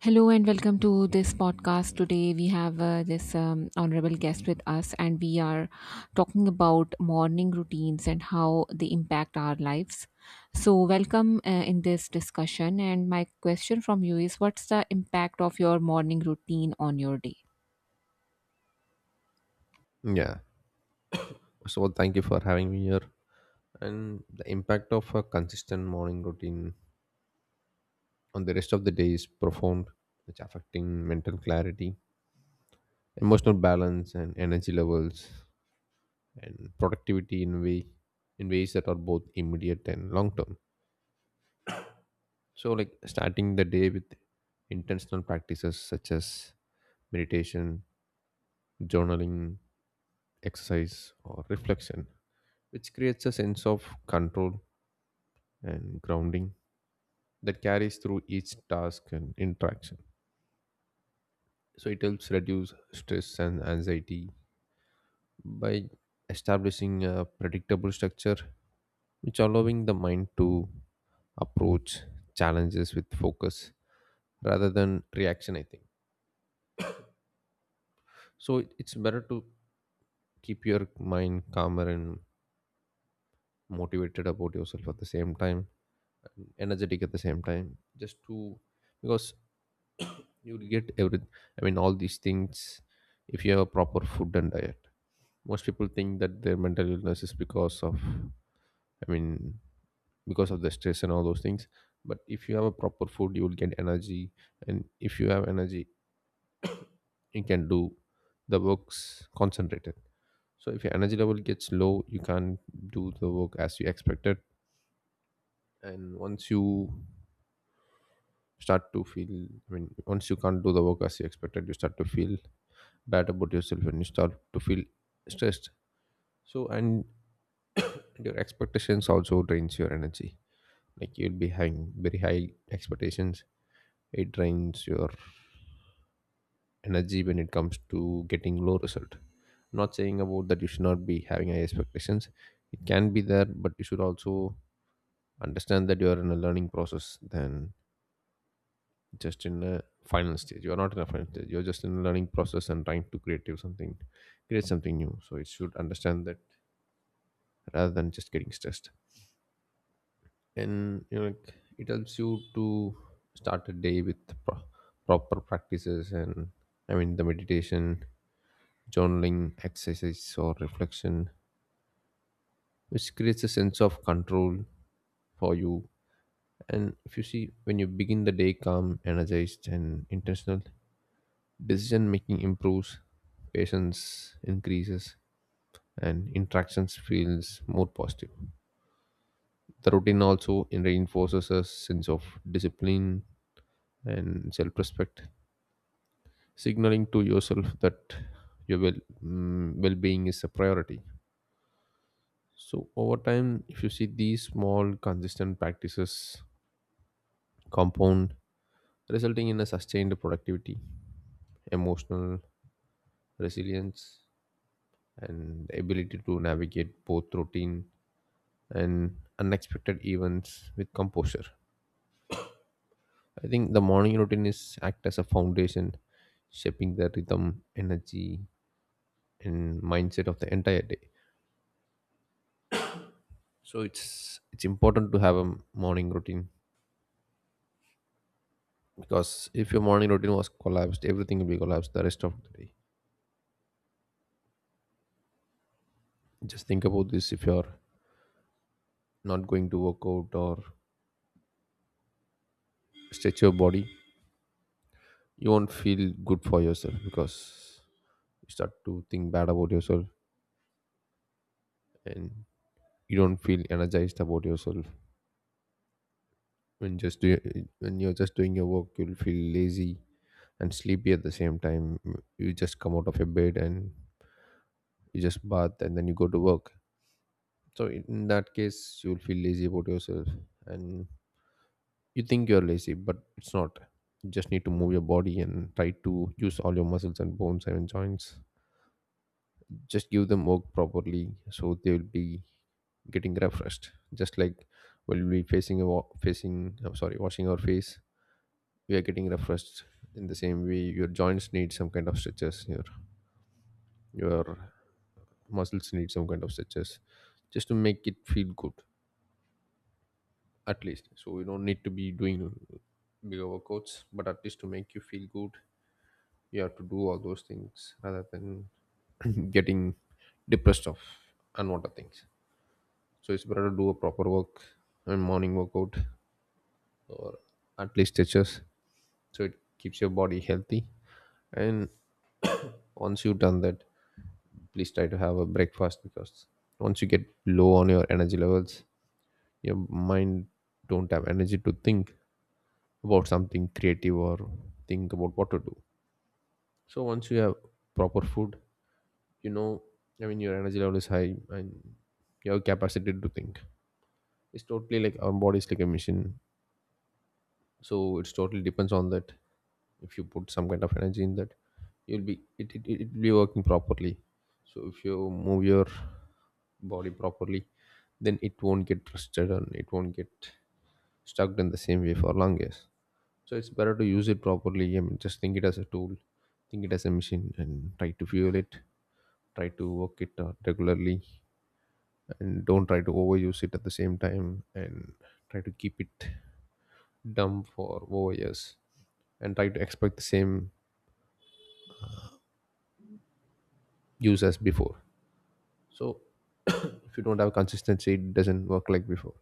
Hello and welcome to this podcast. Today we have this honorable guest with us, and we are talking about morning routines and how they impact our lives. So, welcome in this discussion. And my question from you is what's the impact of your morning routine on your day? Yeah. So thank you for having me here. And the impact of a consistent morning routine on the rest of the day is profound. It's affecting mental clarity, emotional balance, and energy levels, and productivity in ways that are both immediate and long term. So like starting the day with intentional practices such as meditation, journaling, exercise, or reflection, which creates a sense of control and grounding that carries through each task and interaction. So it helps reduce stress and anxiety by establishing a predictable structure, which allowing the mind to approach challenges with focus rather than reaction. I think so. It's better to keep your mind calmer and motivated about yourself at the same time, energetic at the same time, just to because you'll get every. I mean, all these things, if you have a proper food and diet, most people think that their mental illness is because of, I mean, because of the stress and all those things. But if you have a proper food you will get energy, and if you have energy you can do the works concentrated. So if your energy level gets low you can't do the work as you expected, and once you start to feel, I mean, once you can't do the work as you expected you start to feel bad about yourself and you start to feel stressed. So, and your expectations also drains your energy. Like, you'll be having very high expectations, it drains your energy when it comes to getting low result. Not saying about that you should not be having high expectations, it can be there, but you should also understand that you are in a learning process than just in a final stage. You are not in a final stage, you're just in a learning process and trying to create you something create something new, so it should understand that, rather than just getting stressed. And it helps you to start a day with pro- proper practices and, I mean, the meditation, journaling, exercise, or reflection, which creates a sense of control for you. And if you see, when you begin the day calm, energized, and intentional, decision making improves, patience increases, and interactions feels more positive. The routine also reinforces a sense of discipline and self-respect, signaling to yourself that your well-being is a priority. So over time, if you see, these small consistent practices compound, resulting in a sustained productivity, emotional resilience, and the ability to navigate both routine and unexpected events with composure. I think the morning routine is act as a foundation, shaping the rhythm, energy, and mindset of the entire day. So it's important to have a morning routine, because if your morning routine was collapsed, everything will be collapsed the rest of the day. Just think about this. If you're not going to work out or stretch your body, you won't feel good for yourself, because you start to think bad about yourself, and you don't feel energized about yourself. when just do, when you're just doing your work, you'll feel lazy and sleepy at the same time. You just come out of your bed and you just bath and then you go to work. So in that case, you'll feel lazy about yourself, and you think you're lazy, but it's not. You just need to move your body and try to use all your muscles and bones and joints. Just give them work properly, so they will be getting refreshed. Just like when we facing, I'm sorry, washing our face, we are getting refreshed. In the same way, your joints need some kind of stretches. Your muscles need some kind of stretches, just to make it feel good, at least. So you don't need to be doing big overcoats, but at least to make you feel good, you have to do all those things rather than getting depressed of unwanted things. So it's better to do a proper work and morning workout, at least stretches, so it keeps your body healthy. And once you've done that, please try to have a breakfast, because once you get low on your energy levels, your mind don't have energy to think about something creative or think about what to do. So once you have proper food, you know I mean, your energy level is high and your capacity to think. It's totally like our body is like a machine, so it's totally depends on that. If you put some kind of energy in that, you'll be it it, it will be working properly. So if you move your body properly, then it won't get twisted and it won't get stuck in the same way for long years. So it's better to use it properly. I mean, just think it as a tool, think it as a machine and try to fuel it, try to work it regularly, and don't try to overuse it at the same time, and try to keep it dumb for over years and try to expect the same use as before. So if you don't have consistency it doesn't work like before.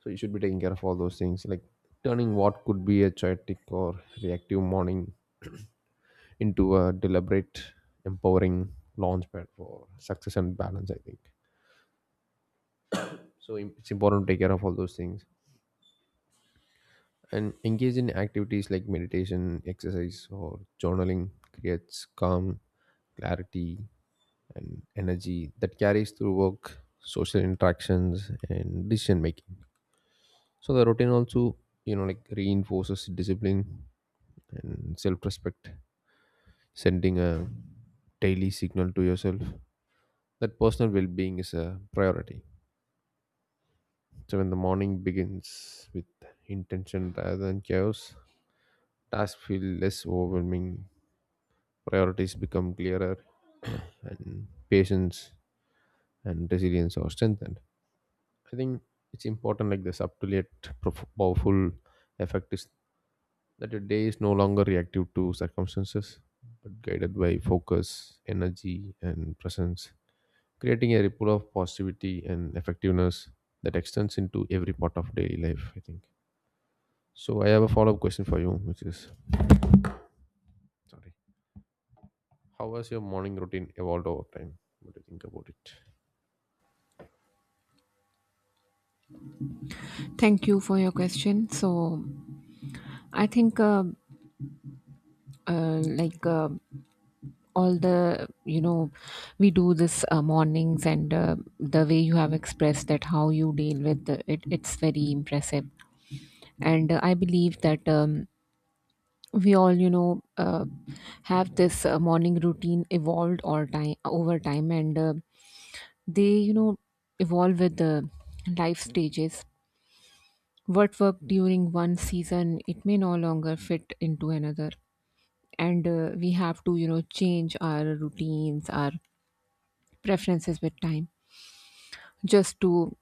So you should be taking care of all those things, like turning what could be a chaotic or reactive morning into a deliberate, empowering launchpad for success and balance. I think so. It's important to take care of all those things, and engage in activities like meditation, exercise, or journaling creates calm, clarity, and energy that carries through work, social interactions, and decision making. So the routine also, reinforces discipline and self-respect, sending a daily signal to yourself that personal well-being is a priority. So when the morning begins with intention rather than chaos, tasks feel less overwhelming, priorities become clearer, and patience and resilience are strengthened. I think it's important, like the subtle yet powerful effect is that your day is no longer reactive to circumstances, but guided by focus, energy, and presence, creating a ripple of positivity and effectiveness that extends into every part of daily life. I think. So I have a follow-up question for you, which is, sorry, how has your morning routine evolved over time? What do you think about it? Thank you for your question. So, I think. Like all the we do this mornings and the way you have expressed that how you deal with it's very impressive and I believe that we all have this morning routine evolved all time over time, and they evolve with the life stages. What worked during one season, it may no longer fit into another, and we have to change our routines, our preferences with time, just to…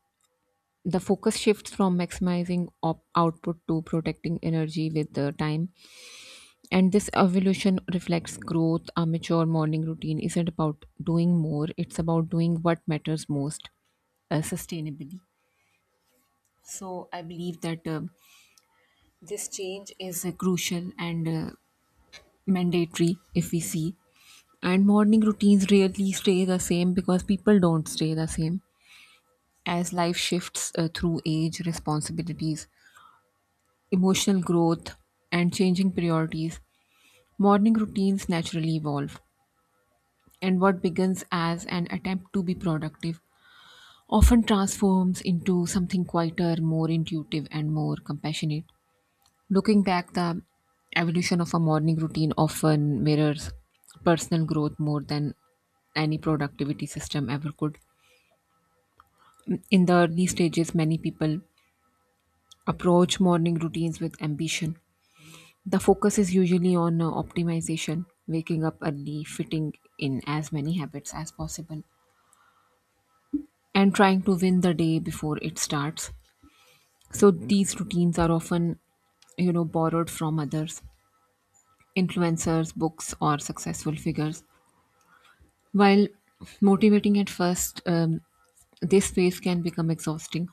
the focus shifts from maximizing output to protecting energy with the time. And this evolution reflects growth. A mature morning routine isn't about doing more, it's about doing what matters most, sustainably. So I believe that this change is crucial and mandatory, if we see, and morning routines really stay the same because people don't stay the same. As life shifts through age, responsibilities, emotional growth, and changing priorities, morning routines naturally evolve, and what begins as an attempt to be productive often transforms into something quieter, more intuitive, and more compassionate. Looking back, the evolution of a morning routine often mirrors personal growth more than any productivity system ever could. In the early stages, many people approach morning routines with ambition. The focus is usually on optimization, waking up early, fitting in as many habits as possible, and trying to win the day before it starts. So these routines are often, you know, borrowed from others, influencers, books, or successful figures. While motivating at first, this phase can become exhausting.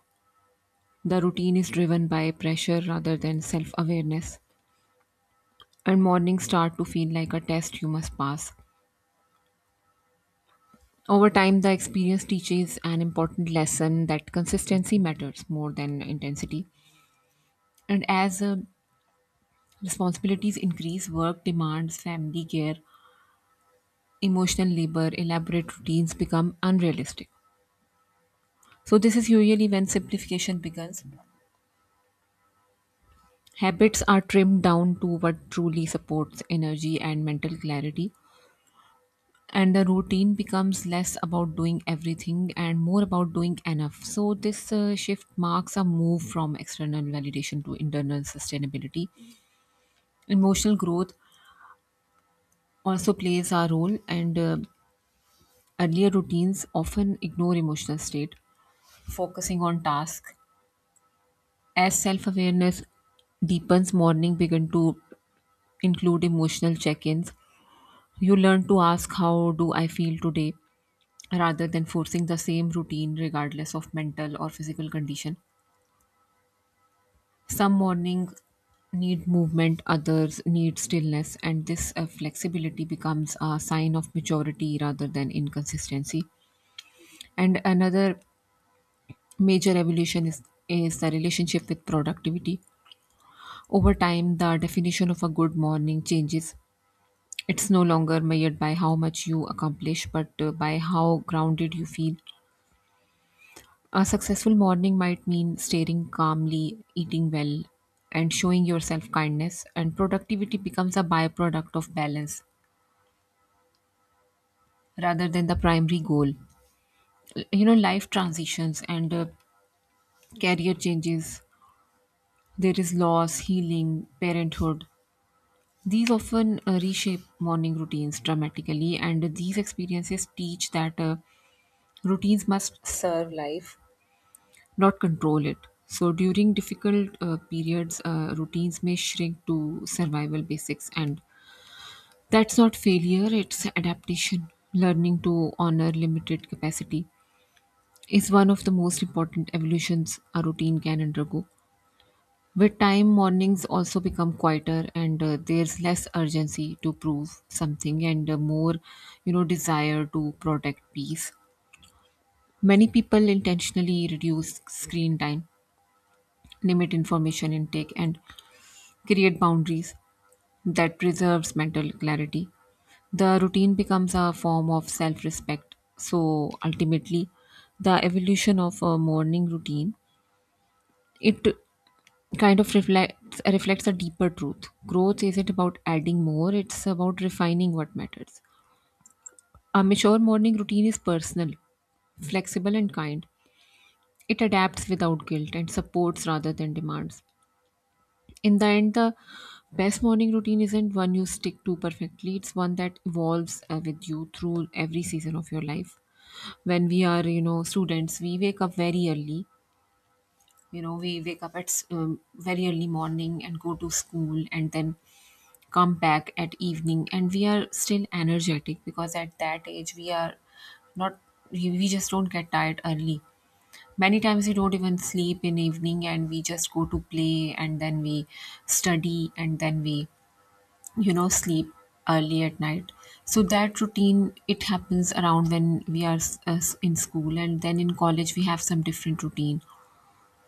The routine is driven by pressure rather than self awareness, and mornings start to feel like a test you must pass. Over time, the experience teaches an important lesson that consistency matters more than intensity. And as responsibilities increase, work demands, family care, emotional labor, elaborate routines become unrealistic. So, this is usually when simplification begins. Habits are trimmed down to what truly supports energy and mental clarity, and the routine becomes less about doing everything and more about doing enough. So, this shift marks a move from external validation to internal sustainability. Emotional growth also plays a role, and earlier routines often ignore emotional state, focusing on task. As self awareness deepens, morning begin to include emotional check ins. You learn to ask, "How do I feel today?" rather than forcing the same routine regardless of mental or physical condition. Some mornings need movement, others need stillness, and this flexibility becomes a sign of maturity rather than inconsistency. And another major evolution is the relationship with productivity. Over time, the definition of a good morning changes. It's no longer measured by how much you accomplish, but by how grounded you feel. A successful morning might mean staring calmly, eating well, and showing yourself kindness, and productivity becomes a byproduct of balance rather than the primary goal. You know, life transitions and career changes, there is loss, healing, parenthood. These often reshape morning routines dramatically, and these experiences teach that routines must serve life, not control it. So during difficult periods, routines may shrink to survival basics, and that's not failure, it's adaptation. Learning to honor limited capacity is one of the most important evolutions a routine can undergo. With time, mornings also become quieter, and there's less urgency to prove something, and more, you know, desire to protect peace. Many people intentionally reduce screen time, limit information intake, and create boundaries that preserves mental clarity. The routine becomes a form of self respect. So ultimately, the evolution of a morning routine, it kind of reflects a deeper truth. Growth isn't about adding more, it's about refining what matters. A mature morning routine is personal, flexible, and kind. It adapts without guilt and supports rather than demands. In the end, the best morning routine isn't one you stick to perfectly, it's one that evolves with you through every season of your life. When we are, you know, students, we wake up very early. You know, we wake up at very early morning and go to school and then come back at evening, and we are still energetic because at that age we are not… we just don't get tired early. Many times we don't even sleep in evening, and we just go to play and then we study and then we, you know, sleep early at night. So that routine, it happens around when we are in school, and then in college we have some different routine.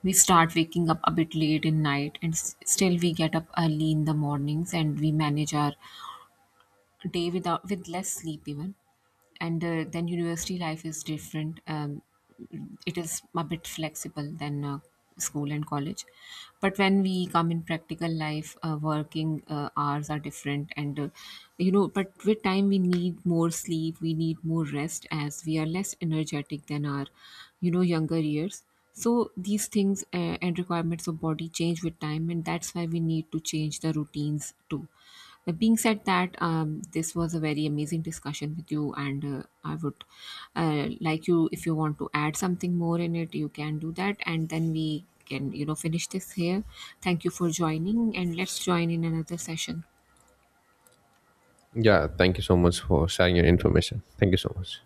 We start waking up a bit late in night, and still we get up early in the mornings, and we manage our day without with less sleep even. And then university life is different, it is a bit flexible than school and college. But when we come in practical life, working hours are different, and you know, but with time we need more sleep, we need more rest as we are less energetic than our, you know, younger years. So these things and requirements of body change with time, and that's why we need to change the routines too. Being said that, this was a very amazing discussion with you, and I would like you, if you want to add something more in it, you can do that, and then we can, you know, finish this here. Thank you for joining, and let's join in another session. Yeah, thank you so much for sharing your information. Thank you so much.